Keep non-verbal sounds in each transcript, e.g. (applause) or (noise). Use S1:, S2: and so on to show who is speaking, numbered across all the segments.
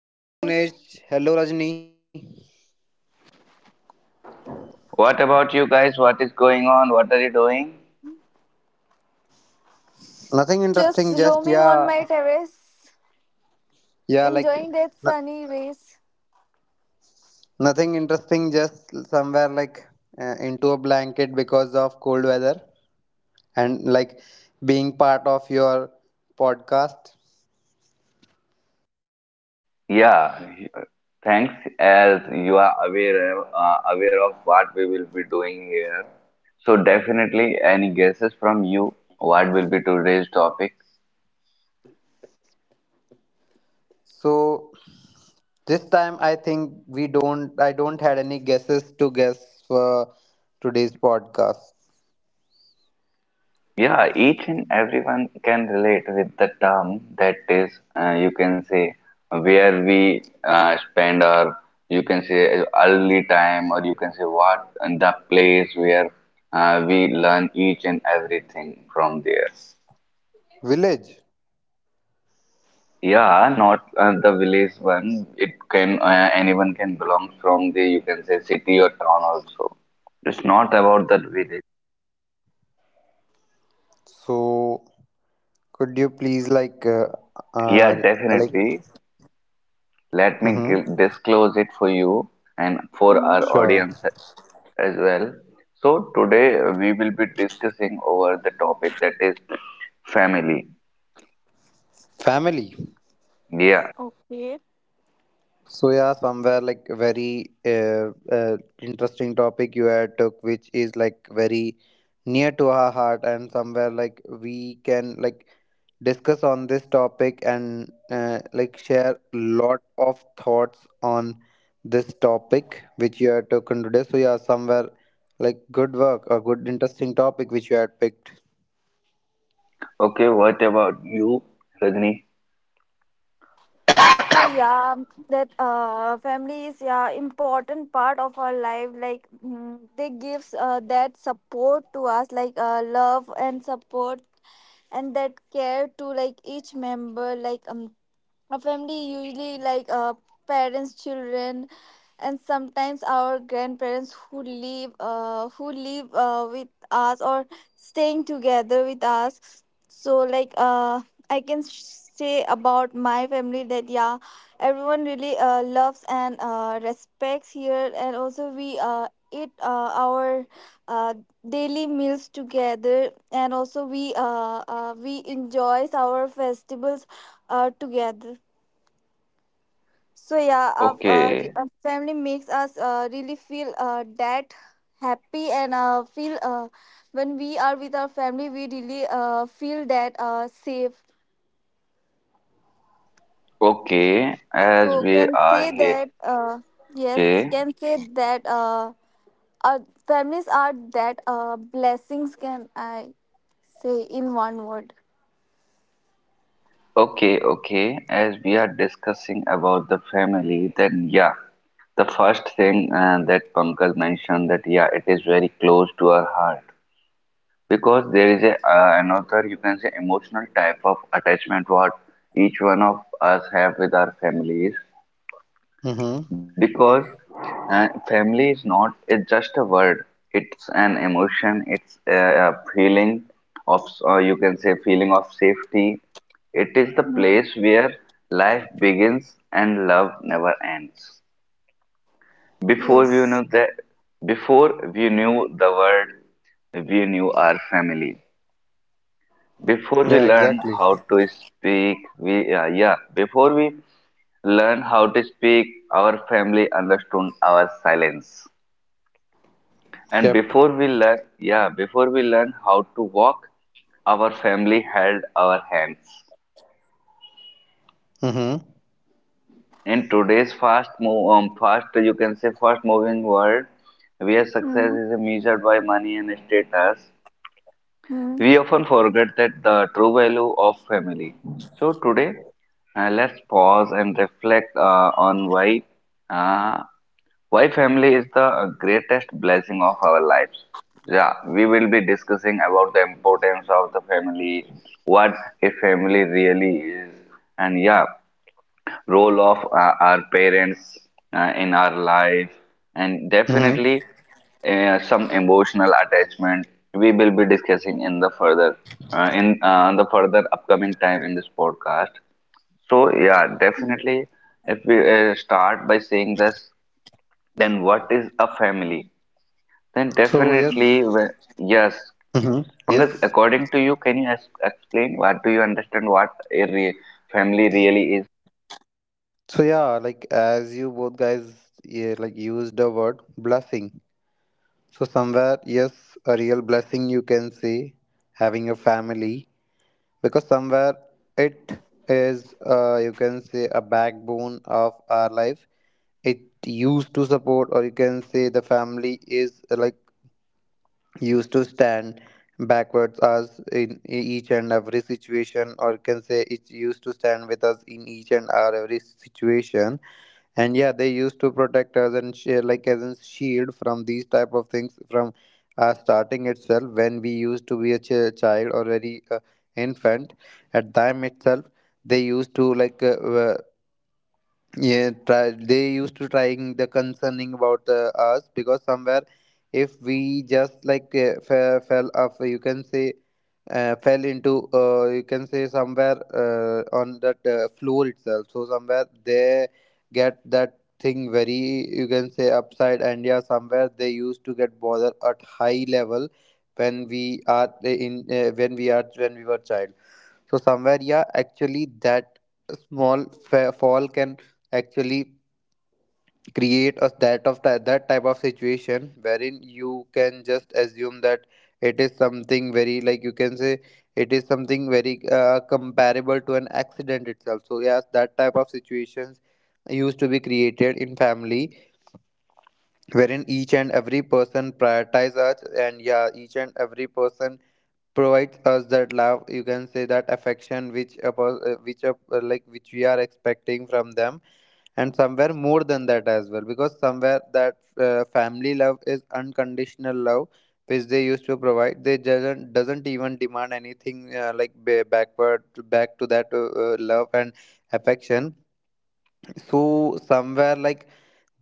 S1: Hello,
S2: Hello
S1: guys.
S2: Bhunesh. Hello Rajni.
S3: What about you guys? What is going on? What are you doing?
S2: Nothing
S1: Just
S2: interesting, just
S1: roaming on
S2: yeah,
S1: my terrace,
S2: yeah, like
S1: enjoying that
S2: no-
S1: sunny rays.
S2: nothing interesting, just somewhere like into a blanket because of cold weather and like being part of your podcast.
S3: Yeah, thanks as you are aware of what we will be doing here. So definitely any guesses from you what will be today's topic?
S2: So this time I think we don't, I don't had any guesses to guess for today's podcast.
S3: Yeah, each and everyone can relate with the term that is, you can say, where we spend our, you can say, early time, or you can say what and the place where we learn each and everything from there.
S2: Village.
S3: Yeah, not the village one. It can anyone can belong from the, you can say, city or town also. It's not about that village.
S2: So could you please
S3: Yeah,
S2: uh like,
S3: definitely. Let me
S2: mm-hmm.
S3: disclose it for you and for our
S1: Hmm.
S2: Sure.
S3: audience as well. So, today we will be discussing over the topic that is family.
S2: Family.
S3: Yeah.
S1: Okay.
S2: So yeah, somewhere like very interesting topic you had took, which is like very near to our heart, and somewhere like we can like discuss on this topic and like share lot of thoughts on this topic which you had taken today. So yeah, somewhere like good work, a good interesting topic which you had picked.
S3: Okay, what about you, Rajni?
S1: So yeah, that Family is yeah important part of our life. They gives that support to us, like love and support and that care to like each member. A family usually parents children and sometimes our grandparents who live with us or staying together with us, I can say about my family that yeah everyone really loves and respects here, and also we eat our uh, daily meals together, and also we enjoys our festivals together. So yeah, our, uh, re-
S3: Okay,
S1: our family makes us really feel that happy and feel when we are with our family, we really feel that safe.
S3: okay, as
S1: So
S3: we
S1: can
S3: are
S1: say
S3: here,
S1: that yes,
S3: okay,
S1: can say that our families are that blessings. Can I say in one word?
S3: okay, as we are discussing about the family, then yeah, the first thing that Pankaj mentioned that yeah, it is very close to our heart. Because there is a another, you can say, emotional type of attachment what each one of us have with our families.
S2: Mm-hmm.
S3: Because family is not, it's just a word, it's an emotion, it's a feeling of, you can say, feeling of safety. It is the
S1: Mhm.
S3: place where life begins and love never ends. Before we knew
S1: Yes.
S3: that, before we knew the word, we knew our family. Before we
S2: Yeah,
S3: learn
S2: exactly.
S3: how to speak, before we learn how to speak, our family understood our silence. And
S2: Yep.
S3: before we learn how to walk, our family held our hands.
S2: Mm-hmm.
S3: In today's fast move, fast you can say fast moving world, where success
S1: Mhm.
S3: is measured by money and status, we often forget that the true value of family. So today, let's pause and reflect on why, uh, why family is the greatest blessing of our lives. Yeah, we will be discussing about the importance of the family, what a family really is, and yeah, role of our parents in our life, and
S2: Mm-hmm.
S3: definitely some emotional attachment we will be discussing in the further, in the further upcoming time in this podcast. So yeah,
S1: Mhm.
S3: definitely, if we start by saying this, then what is a family? Then
S2: So
S3: definitely,
S2: yes.
S3: yes,
S2: Mm-hmm.
S3: Pankaj,
S2: Yes.
S3: according to you, can you explain what do you understand what a family really is?
S2: So yeah, like as you both guys yeah, like used the word blessing. So somewhere, yes, a real blessing you can say having a family, because somewhere it is you can say a backbone of our life. It used to support, or you can say the family is like used to stand backwards us in each and every situation, or you can say it used to stand with us in each and our every situation. And yeah, they used to protect us and like as a shield from these type of things, from starting itself. When we used to be a child or very infant at time itself, they used to uh, yeah, they used to trying the concerning about the us, because somewhere if we just like fell off, you can say, fell into, you can say, somewhere on that floor itself, so somewhere they get that thing very, you can say, upside. And yeah, somewhere they used to get bother at high level when we are in when we are when we were child. So somewhere, yeah, actually that small fall can actually create a that type of situation wherein you can just assume that it is something very like you can say it is something very comparable to an accident itself. So yes, that type of situations used to be created in family, wherein each and every person prioritize us, and yeah, each and every person provides us that love, you can say that affection, which which a, like which we are expecting from them, and somewhere more than that as well, because somewhere that family love is unconditional love which they used to provide. They doesn't even demand anything, like backward back to that love and affection. So somewhere, like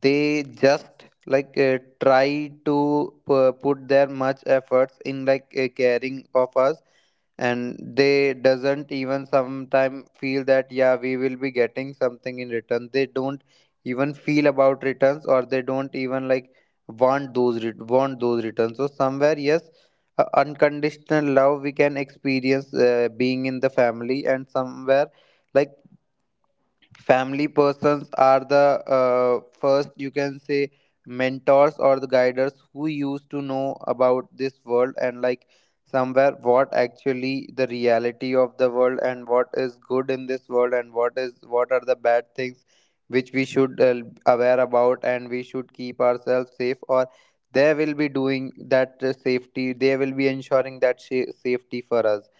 S2: they just like try to put their much efforts in like caring of us, and they doesn't even sometime feel that yeah, we will be getting something in return. They don't even feel about returns, or they don't even like want those returns. So somewhere, yes, unconditional love we can experience being in the family. And somewhere like family persons are the first, you can say, mentors or the guiders who used to know about this world, and like somewhere what actually the reality of the world, and what is good in this world, and what is, what are the bad things which we should aware about, and we should keep ourselves safe. Or they will be doing that safety, they will be ensuring that safety for us.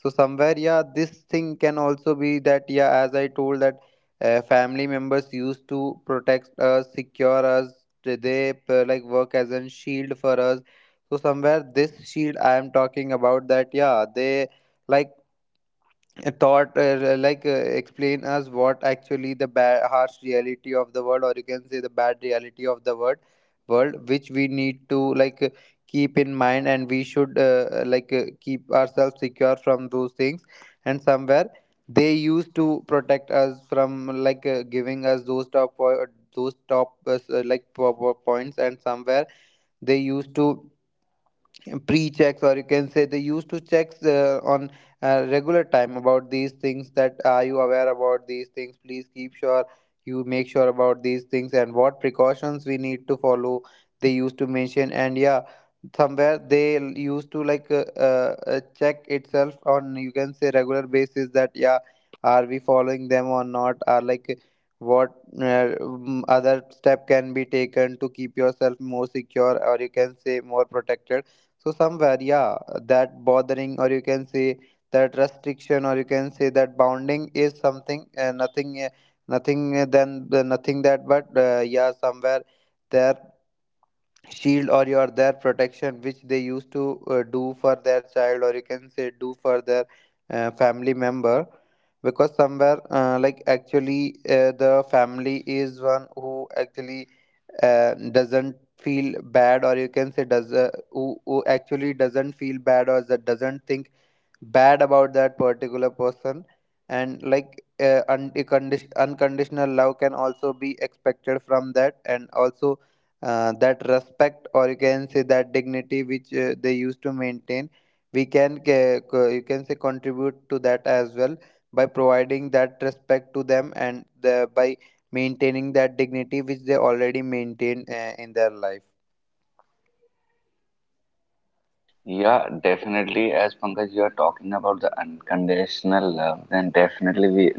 S2: So somewhere, yeah, this thing can also be that, yeah, as I told that family members used to protect us, secure us. They like work as a shield for us. So somewhere this shield I am talking about, that yeah, they like thought, explain us what actually the bad, harsh reality of the world, or you can say the bad reality of the world, which we need to like keep in mind, and we should keep ourselves secure from those things. And somewhere they used to protect us from like giving us those those top points. And somewhere they used to pre-checks, or you can say they used to checks on regular time about these things, that are you aware about these things, please keep sure, you make sure about these things, and what precautions we need to follow. They used to mention. And yeah, somewhere they used to like check itself on, you can say, regular basis, that yeah, are we following them or not, are like what, other step can be taken to keep yourself more secure, or you can say more protected. So somewhere, yeah, that bothering, or you can say that restriction, or you can say that bounding is something nothing than the nothing that, but yeah, somewhere there shield or your their protection which they used to do for their child, or you can say do for their family member. Because somewhere like actually the family is one who actually doesn't feel bad, or you can say does who actually doesn't feel bad, or that doesn't think bad about that particular person. And like unconditional love can also be expected from that. And also that respect, or you can say that dignity, which they used to maintain, we can you can say contribute to that as well, by providing that respect to them, and by maintaining that dignity which they already maintain in their life.
S3: Yeah, definitely. As Pankaj, you are talking about the unconditional love, then definitely we,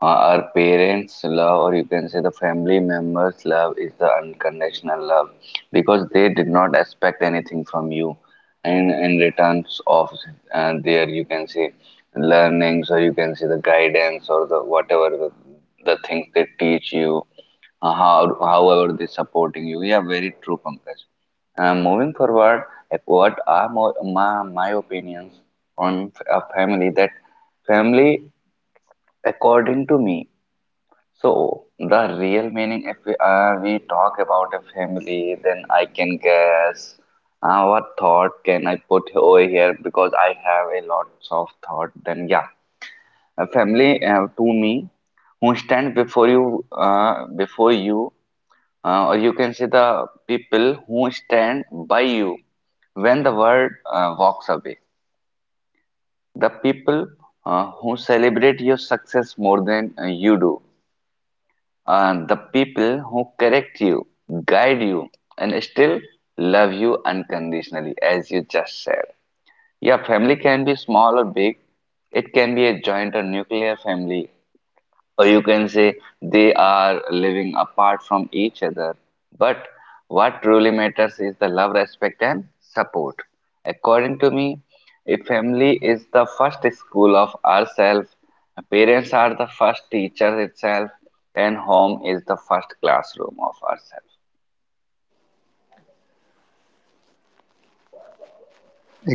S3: uh, our parents' love, or you can say the family members' love, is the unconditional love, because they did not expect anything from you, and in returns of their, you can say, learnings, or you can say the guidance, or the whatever the things they teach you, however they supporting you. Yeah, very true, Pankaj. Moving forward, like what are more, my opinions on a family? That family, according to me, so the real meaning, if we talk about a family, then I can guess what thought can I put over here, because I have a lot of thought. Then yeah, a family, to me, who stand before you, before you, or you can see the people who stand by you when the world walks away, the people who celebrate your success more than you do, the people who correct you, guide you, and still love you unconditionally, as you just said. Yeah, family can be small or big. It can be a joint or nuclear family, or you can say they are living apart from each other. But what truly matters is the love, respect, and support. According to me, a family is the first school of ourselves, parents are the first teachers itself, and home is the first classroom of ourselves.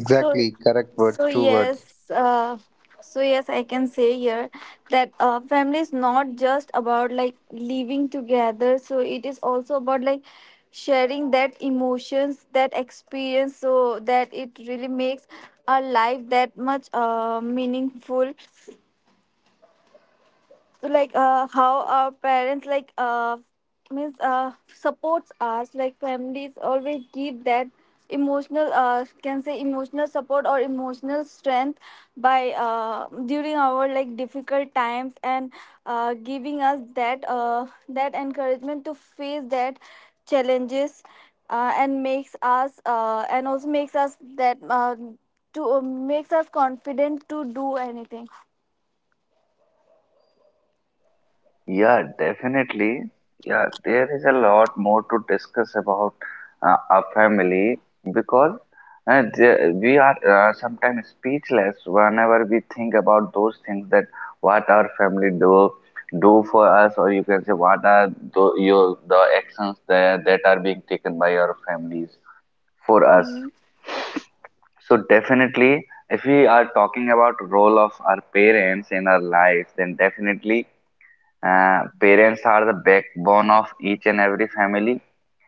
S1: So,
S2: Correct words,
S1: so
S2: true words.
S1: yes, uh, so yes, I can say here that family is not just about like living together. So it is also about like sharing that emotions, that experience, so that it really makes our life that much meaningful, how our parents like means supports us, like families always give that emotional can say emotional support or emotional strength by during our like difficult times, and giving us that that encouragement to face that challenges, and makes us and also makes us that to makes us confident to do anything.
S3: Yeah, definitely. Yeah, there is a lot more to discuss about a family, because we are sometimes speechless whenever we think about those things that what our family do for us, or you can say what are the actions that are being taken by our families for us. So definitely, if we are talking about role of our parents in our lives, then definitely, parents are the backbone of each and every family.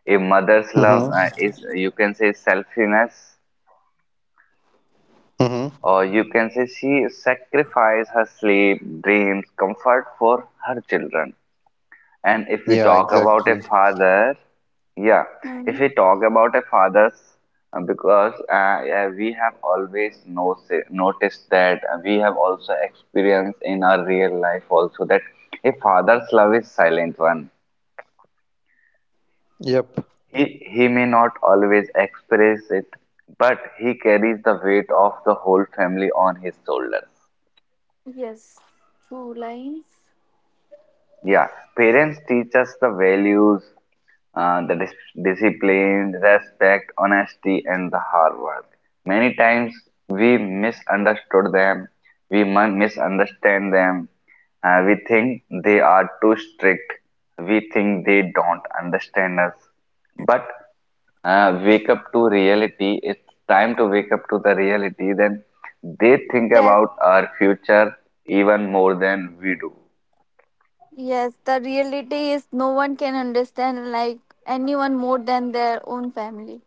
S3: A mother's love
S2: Mm-hmm.
S3: is, you can say, selflessness,
S2: Mm-hmm.
S3: or you can say she sacrifices her sleep, dreams, comfort for her children. And if we
S2: Yeah,
S3: talk
S1: Mm-hmm.
S3: about
S2: exactly.
S3: a father, yeah, if we talk about a father's, because, we have always noticed that, we have also experienced in our real life also, that a father's love is silent one.
S2: Yep.
S3: He may not always express it, but he carries the weight of the whole family on his shoulders.
S1: Yes, two lines.
S3: Yeah, parents teach us the values, the discipline, respect, honesty, and the hard work. Many times we misunderstood them, we mun- misunderstand them, we think they are too strict, we think they don't understand us. But wake up to reality, it's time to wake up to the reality, then they think
S1: That
S3: about our future even more than we do.
S1: yes, the reality is no one can understand like anyone more than their own family.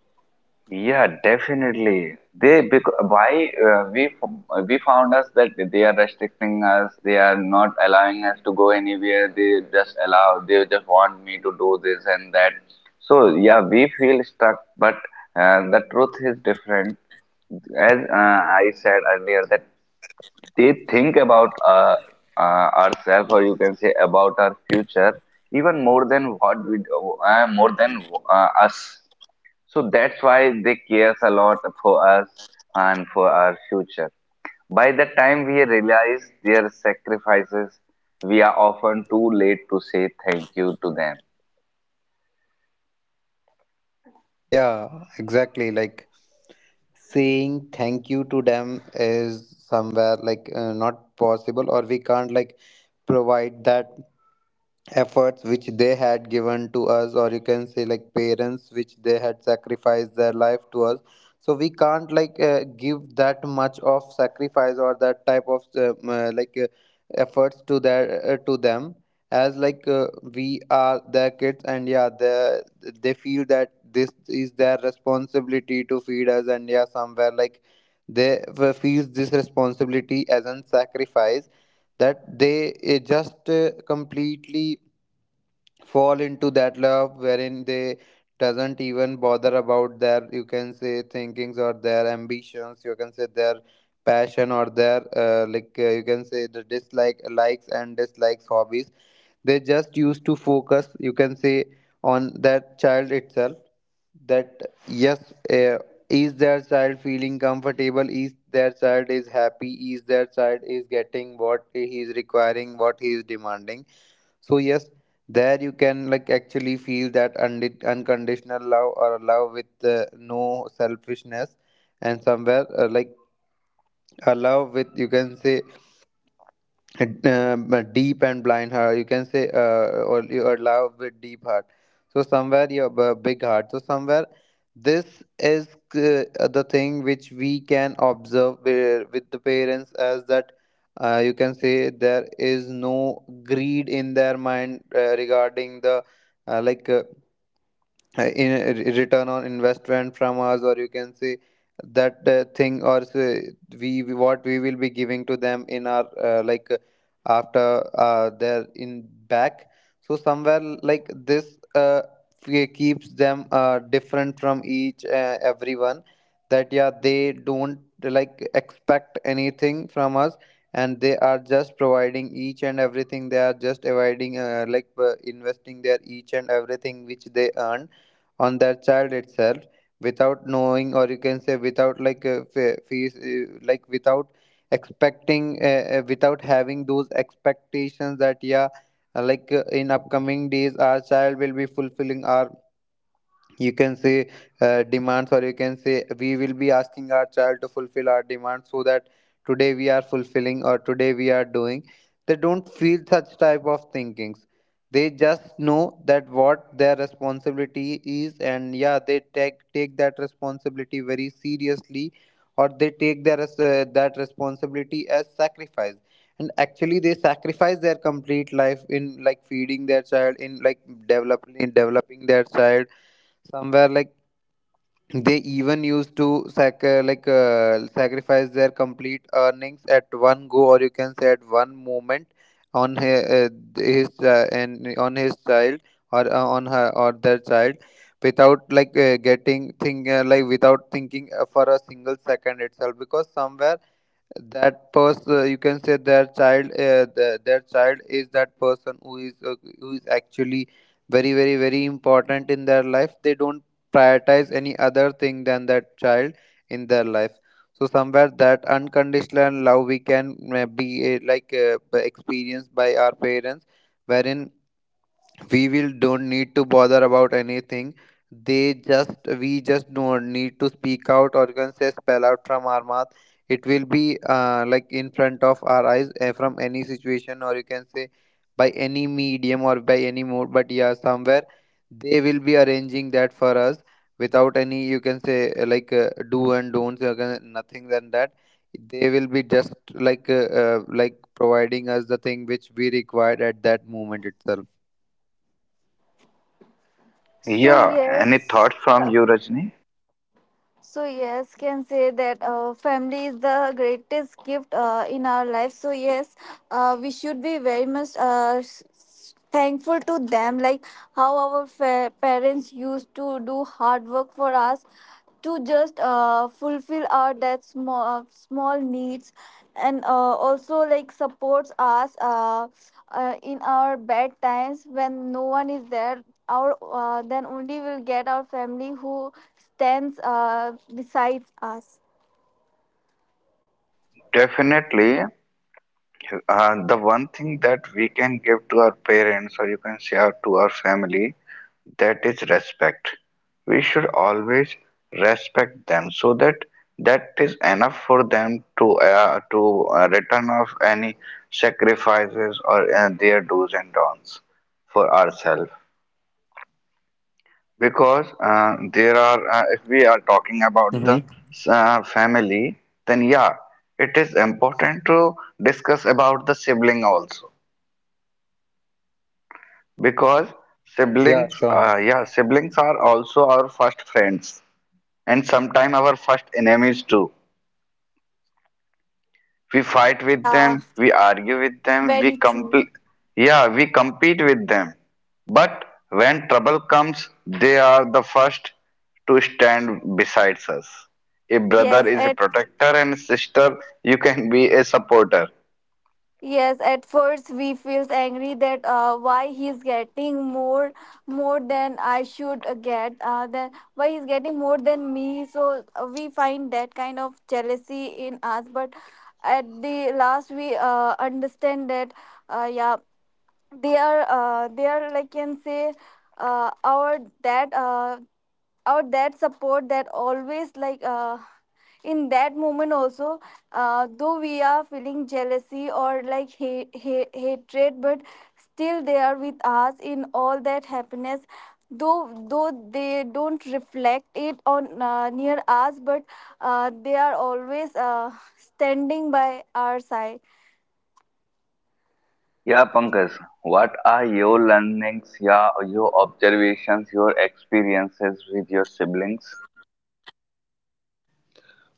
S3: Yeah, definitely. Why we found us that they are restricting us. They are not allowing us to go anywhere. They just allow. They just want me to do this and that. So yeah, we feel stuck. But the truth is different. As I said earlier, that they think about, ourselves, or you can say about our future, even more than what we do, more than us. So that's why they cares a lot for us and for our future. By the time we realize their sacrifices, we are often too late to say thank you to them.
S2: Yeah, exactly. Like saying thank you to them is somewhere like not possible, or we can't like provide that efforts which they had given to us, or you can say like parents which they had sacrificed their life to us. So we can't like give that much of sacrifice or that type of efforts to their to them, as like we are their kids. And yeah, they feel that this is their responsibility to feed us. And yeah, somewhere like they feel this responsibility as a sacrifice, that they just completely fall into that love, wherein they doesn't even bother about their, you can say, thinkings, or their ambitions, you can say their passion, or their you can say the dislike, likes and dislikes, hobbies. They just used to focus, you can say, on that child itself. That yes, is their child feeling comfortable, is their child is happy, is their child is getting what he is requiring, what he is demanding. So yes, there you can like actually feel that unconditional love, or a love with no selfishness. And somewhere like a love with, you can say, uh, uh, deep and blind heart, you can say, or your love with deep heart. So somewhere your big heart. So somewhere this is the thing which we can observe with the parents, as that you can say there is no greed in their mind regarding the uh, like uh, in a return on investment from us, or you can say that thing, or say what we will be giving to them in our after their in back. So somewhere like this uh, keeps them different from each everyone, that yeah, they don't like expect anything from us. And they are just providing each and everything, they are just avoiding like investing their each and everything which they earn on that child itself, without knowing, or you can say without like fe- fees like without expecting, without having those expectations, that yeah, in upcoming days our child will be fulfilling our, you can say, demands, or you can say we will be asking our child to fulfill our demands, so that today we are fulfilling, or today we are doing. They don't feel such type of thinkings. They just know that what their responsibility is. And yeah, they take that responsibility very seriously, or they take their that responsibility as sacrifice. And actually they sacrifice their complete life in like feeding their child, in like developing their child. Somewhere like they even used to sacrifice their complete earnings at one go, or you can say at one moment, on his and on his child, or on her or their child, without like getting thing like without thinking for a single second itself, because somewhere that person you can say their child their child is that person who is actually very very very important in their life. They don't prioritize any other thing than that child in their life. So somewhere that unconditional love we can be experienced by our parents, wherein we will don't need to bother about anything. They just We just don't need to speak out or can say spell out from our mouth. It will be like in front of our eyes, from any situation or you can say by any medium or by any mode. But yeah, somewhere they will be arranging that for us without any, you can say, do and don'ts, you can, nothing than that. They will be just like providing us the thing which we required at that moment itself.
S1: So
S3: Yeah, any
S1: yes,
S3: thoughts from you,
S1: (laughs)
S3: Rajni?
S1: So yes, can say that family is the greatest gift in our life. So yes, we should be very much thankful to them. Like how our parents used to do hard work for us to just fulfill our that small small needs, and also like supports us in our bad times when no one is there. Our then only we'll get our family who stands besides us.
S3: Definitely. The one thing that we can give to our parents, or you can say to our family, that is respect. We should always respect them, so that that is enough for them to return off any sacrifices, or their do's and don'ts for ourselves. Because there are if we are talking about the family, then yeah, it is important to discuss about the sibling also, because
S2: Yeah, sure.
S3: siblings are also our first friends, and sometimes our first enemies too. We fight with them,
S1: Yeah,
S3: we argue with them, we
S1: very true.
S3: we compete with them, but when trouble comes, they are the first to stand beside us. A brother
S1: Yes,
S3: is a
S1: at
S3: protector, and sister, you can be a supporter.
S1: yes, at first we feels angry that why he's getting more than I should get. Then why he's getting more than me. So we find that kind of jealousy in us. But at the last, we understand that yeah, they are like can say our that or that support that always in that moment also, though we are feeling jealousy or like hatred, but still they are with us in all that happiness, though they don't reflect it on near us, but they are always standing by our side.
S3: Yeah, Pankaj, what are your learnings, yeah, your observations, your experiences with your siblings?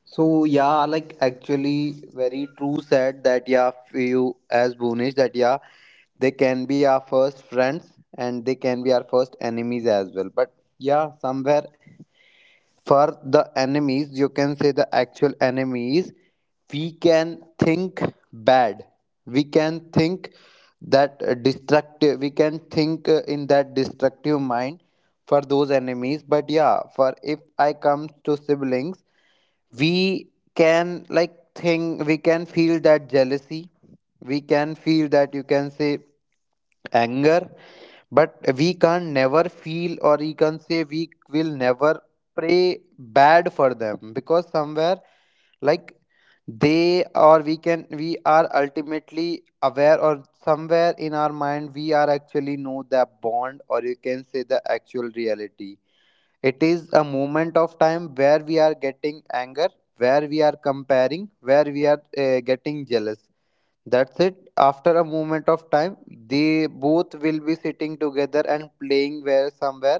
S2: So yeah, like actually very true said that, yeah, few as Bhunesh, that yeah, they can be our first friends, and they can be our first enemies as well. But yeah, somewhere for the enemies, you can say the actual enemies, we can think bad. We can think that, destructive. We can think in that destructive mind for those enemies. But yeah, for if I comes to siblings, we can like think, we can feel that jealousy, we can feel that, you can say, anger. But we can never feel, or you can say, we will never pray bad for them, because somewhere, like, they, or we can, we are ultimately aware, or somewhere in our mind we are actually know the bond, or you can say the actual reality. It is a moment of time where we are getting anger, where we are comparing, where we are getting jealous. That's it. After a moment of time, they both will be sitting together and playing, where somewhere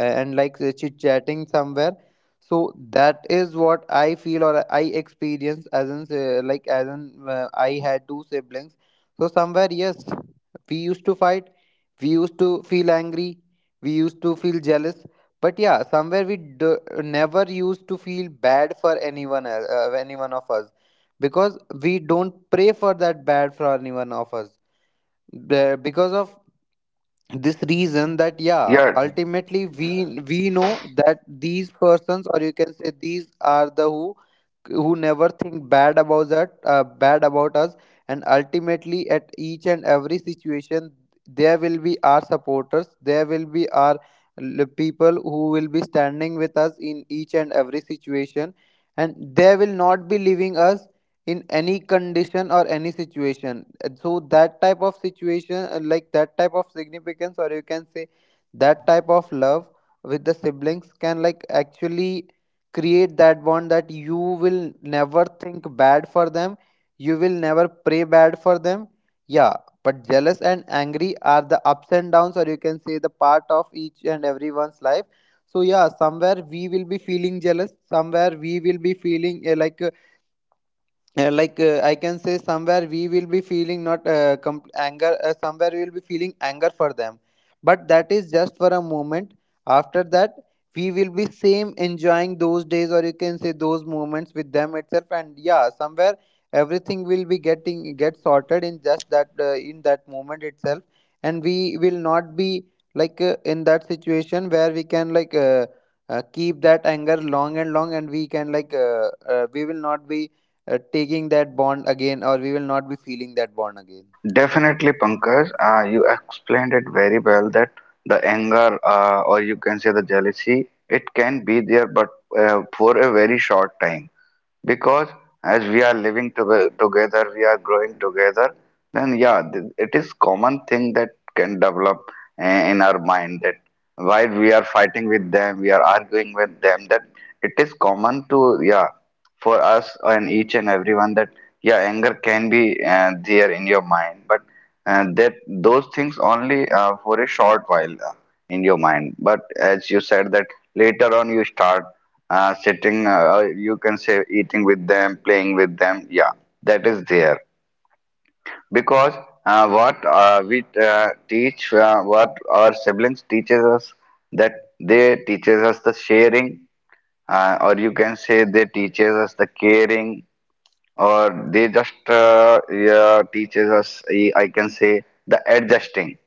S2: and like chit chatting somewhere. So that is what I feel or I experienced as in, as in, I had two siblings. So somewhere, yes, we used to fight, we used to feel angry, we used to feel jealous. But yeah, somewhere never used to feel bad for anyone else, any one of us, because we don't pray for that bad for anyone of us, the because of this reason, that yeah,
S3: Yeah,
S2: ultimately we know that these persons, or you can say these are the who never think bad about that, bad about us, and ultimately at each and every situation there will be our supporters, there will be our people who will be standing with us in each and every situation, and they will not be leaving us in any condition or any situation. And so that type of situation, that type of significance, or you can say that type of love with the siblings, can like actually create that bond, that you will never think bad for them, you will never pray bad for them. Yeah, but jealous and angry are the ups and downs, or you can say the part of each and everyone's life. So yeah, somewhere we will be feeling jealous, somewhere we will be feeling I can say, somewhere we will be feeling not anger, somewhere we will be feeling anger for them. But that is just for a moment. After that, we will be same enjoying those days, or you can say those moments with them itself. And yeah, somewhere everything will be getting get sorted in just that, in that moment itself, and we will not be in that situation where we can keep that anger long and long, and we can we will not be taking that bond again, or we will not be feeling that bond again.
S3: definitely, Pankaj. You explained it very well that the anger, or you can say the jealousy, it can be there, but for a very short time. Because as we are living to together, we are growing together, then yeah, it is common thing that can develop uh, in our mind, that while we are fighting with them, we are arguing with them, that it is common to yeah for us and each and everyone, that yeah, anger can be there in your mind, but that those things only for a short while in your mind. But as you said, that later on you start sitting, you can say, eating with them, playing with them, yeah, that is there. Because what our siblings teaches us, that they teaches us the sharing, or you can say they teaches us the caring, or they just teaches us, I can say, the adjusting.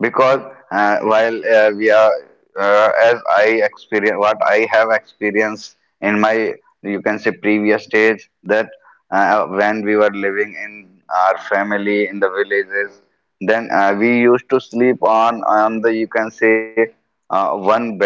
S3: Because while we are as I experience, what I have experienced in my, you can say, previous stage, that when we were living in our family in the villages, then we used to sleep on the, you can say, one bed.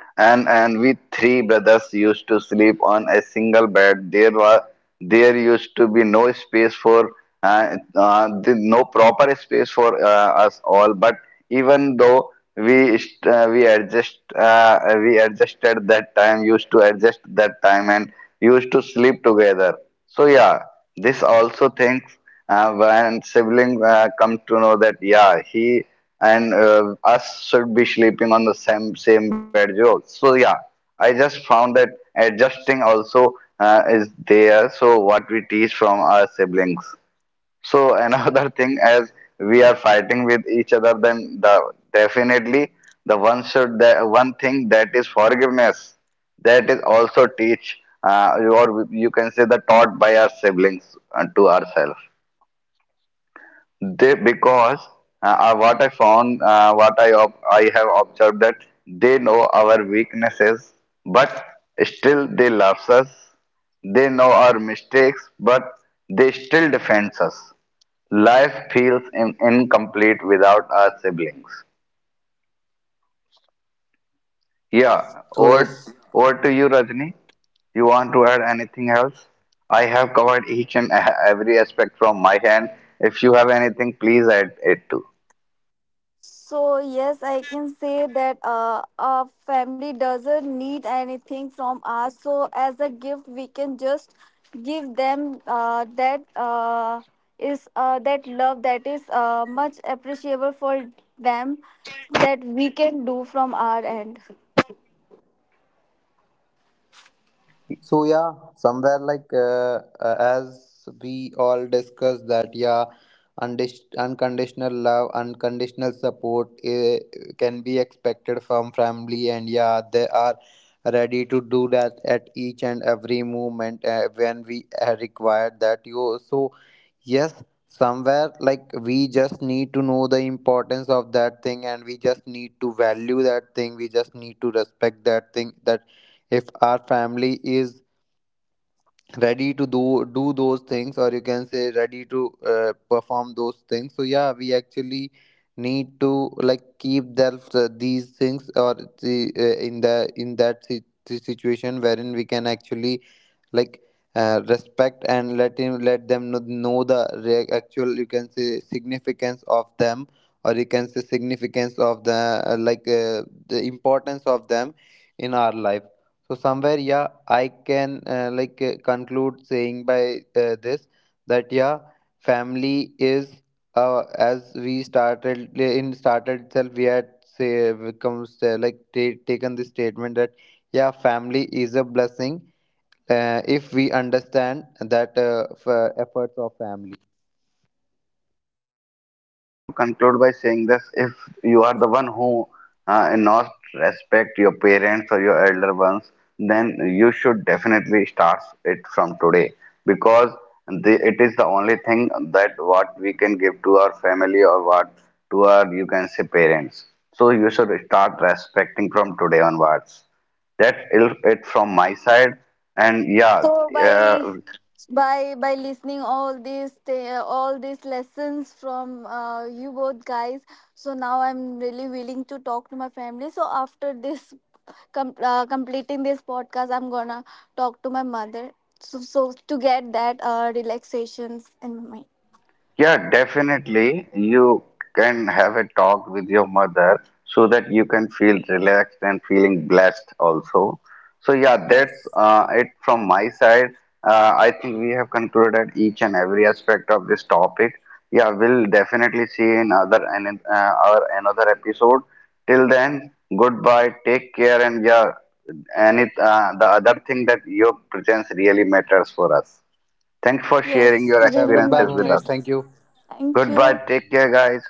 S3: And we three brothers used to sleep on a single bed. There used to be no space for, no proper space for us all, but even though we adjusted that time, used to adjust that time, and used to sleep together. So yeah, this also thinks, when sibling come to know that yeah, he and, us should be sleeping on the same bed. So yeah, I just found that adjusting also is there. So what we teach from our siblings. So (laughs) another thing, as we are fighting with each other, then the definitely, the one thing that is forgiveness, that is also teach, or you can say the taught by our siblings, to ourselves. They Because, what I found, I have observed that they know our weaknesses, but still they love us. They know our mistakes, but they still defend us. Life feels incomplete without our siblings. Yeah,
S2: So
S3: over
S2: yes.
S3: over to you, Rajni. You want to add anything else? I have covered each and every aspect from my hand. If you have anything, please add it too.
S1: So yes, I can say that a family doesn't need anything from us. So as a gift, we can just give them that love that is much appreciable for them, that we can do from our end.
S2: So yeah, somewhere like, as we all discussed that, yeah, unconditional love, unconditional support can be expected from family, and yeah, they are ready to do that at each and every moment when we require that. You, so yes, somewhere like we just need to know the importance of that thing, and we just need to value that thing. We just need to respect that thing. That if our family is ready to do those things, or you can say ready to perform those things, so yeah, we actually need to like keep that, these things, or the in the in that situation wherein we can actually like, respect and let them know the actual, you can say, significance of them, or you can say significance of the, the importance of them in our life. So somewhere, yeah, I can, conclude saying by this, that yeah, family is, as we started, in started itself, we had say becomes, taken this statement, that yeah, family is a blessing, if we understand that, efforts of family.
S3: Yeah, I just want to conclude by saying this. If you are the one who not respect your parents or your elder ones, then you should definitely start it from today, because it is the only thing that what we can give to our family, or what to our, you can say, parents. So you should start respecting from today onwards. That's it from my side. And yeah,
S1: So
S3: uh,
S1: by by listening all these all these lessons from you both guys, so now I'm really willing to talk to my family, so after this completing this podcast I'm gonna talk to my mother. So to get that relaxations in my mind.
S3: Yeah, definitely. You can have a talk with your mother so that you can feel relaxed and feeling blessed also. So yeah, that's
S1: Yes.
S3: it from my side. I think we have concluded each and every aspect of this topic. Yeah, we'll definitely see in other and our another episode. Till then, goodbye. Take care, and yeah, and it the other thing that your presence really matters for us. Thanks for
S1: Yes,
S3: sharing your
S2: Yeah,
S1: really
S2: goodbye,
S3: experiences with
S1: matters.
S3: us.
S2: Bhuvnesh. Thank you.
S1: Thank you.
S3: Goodbye. Take care, guys.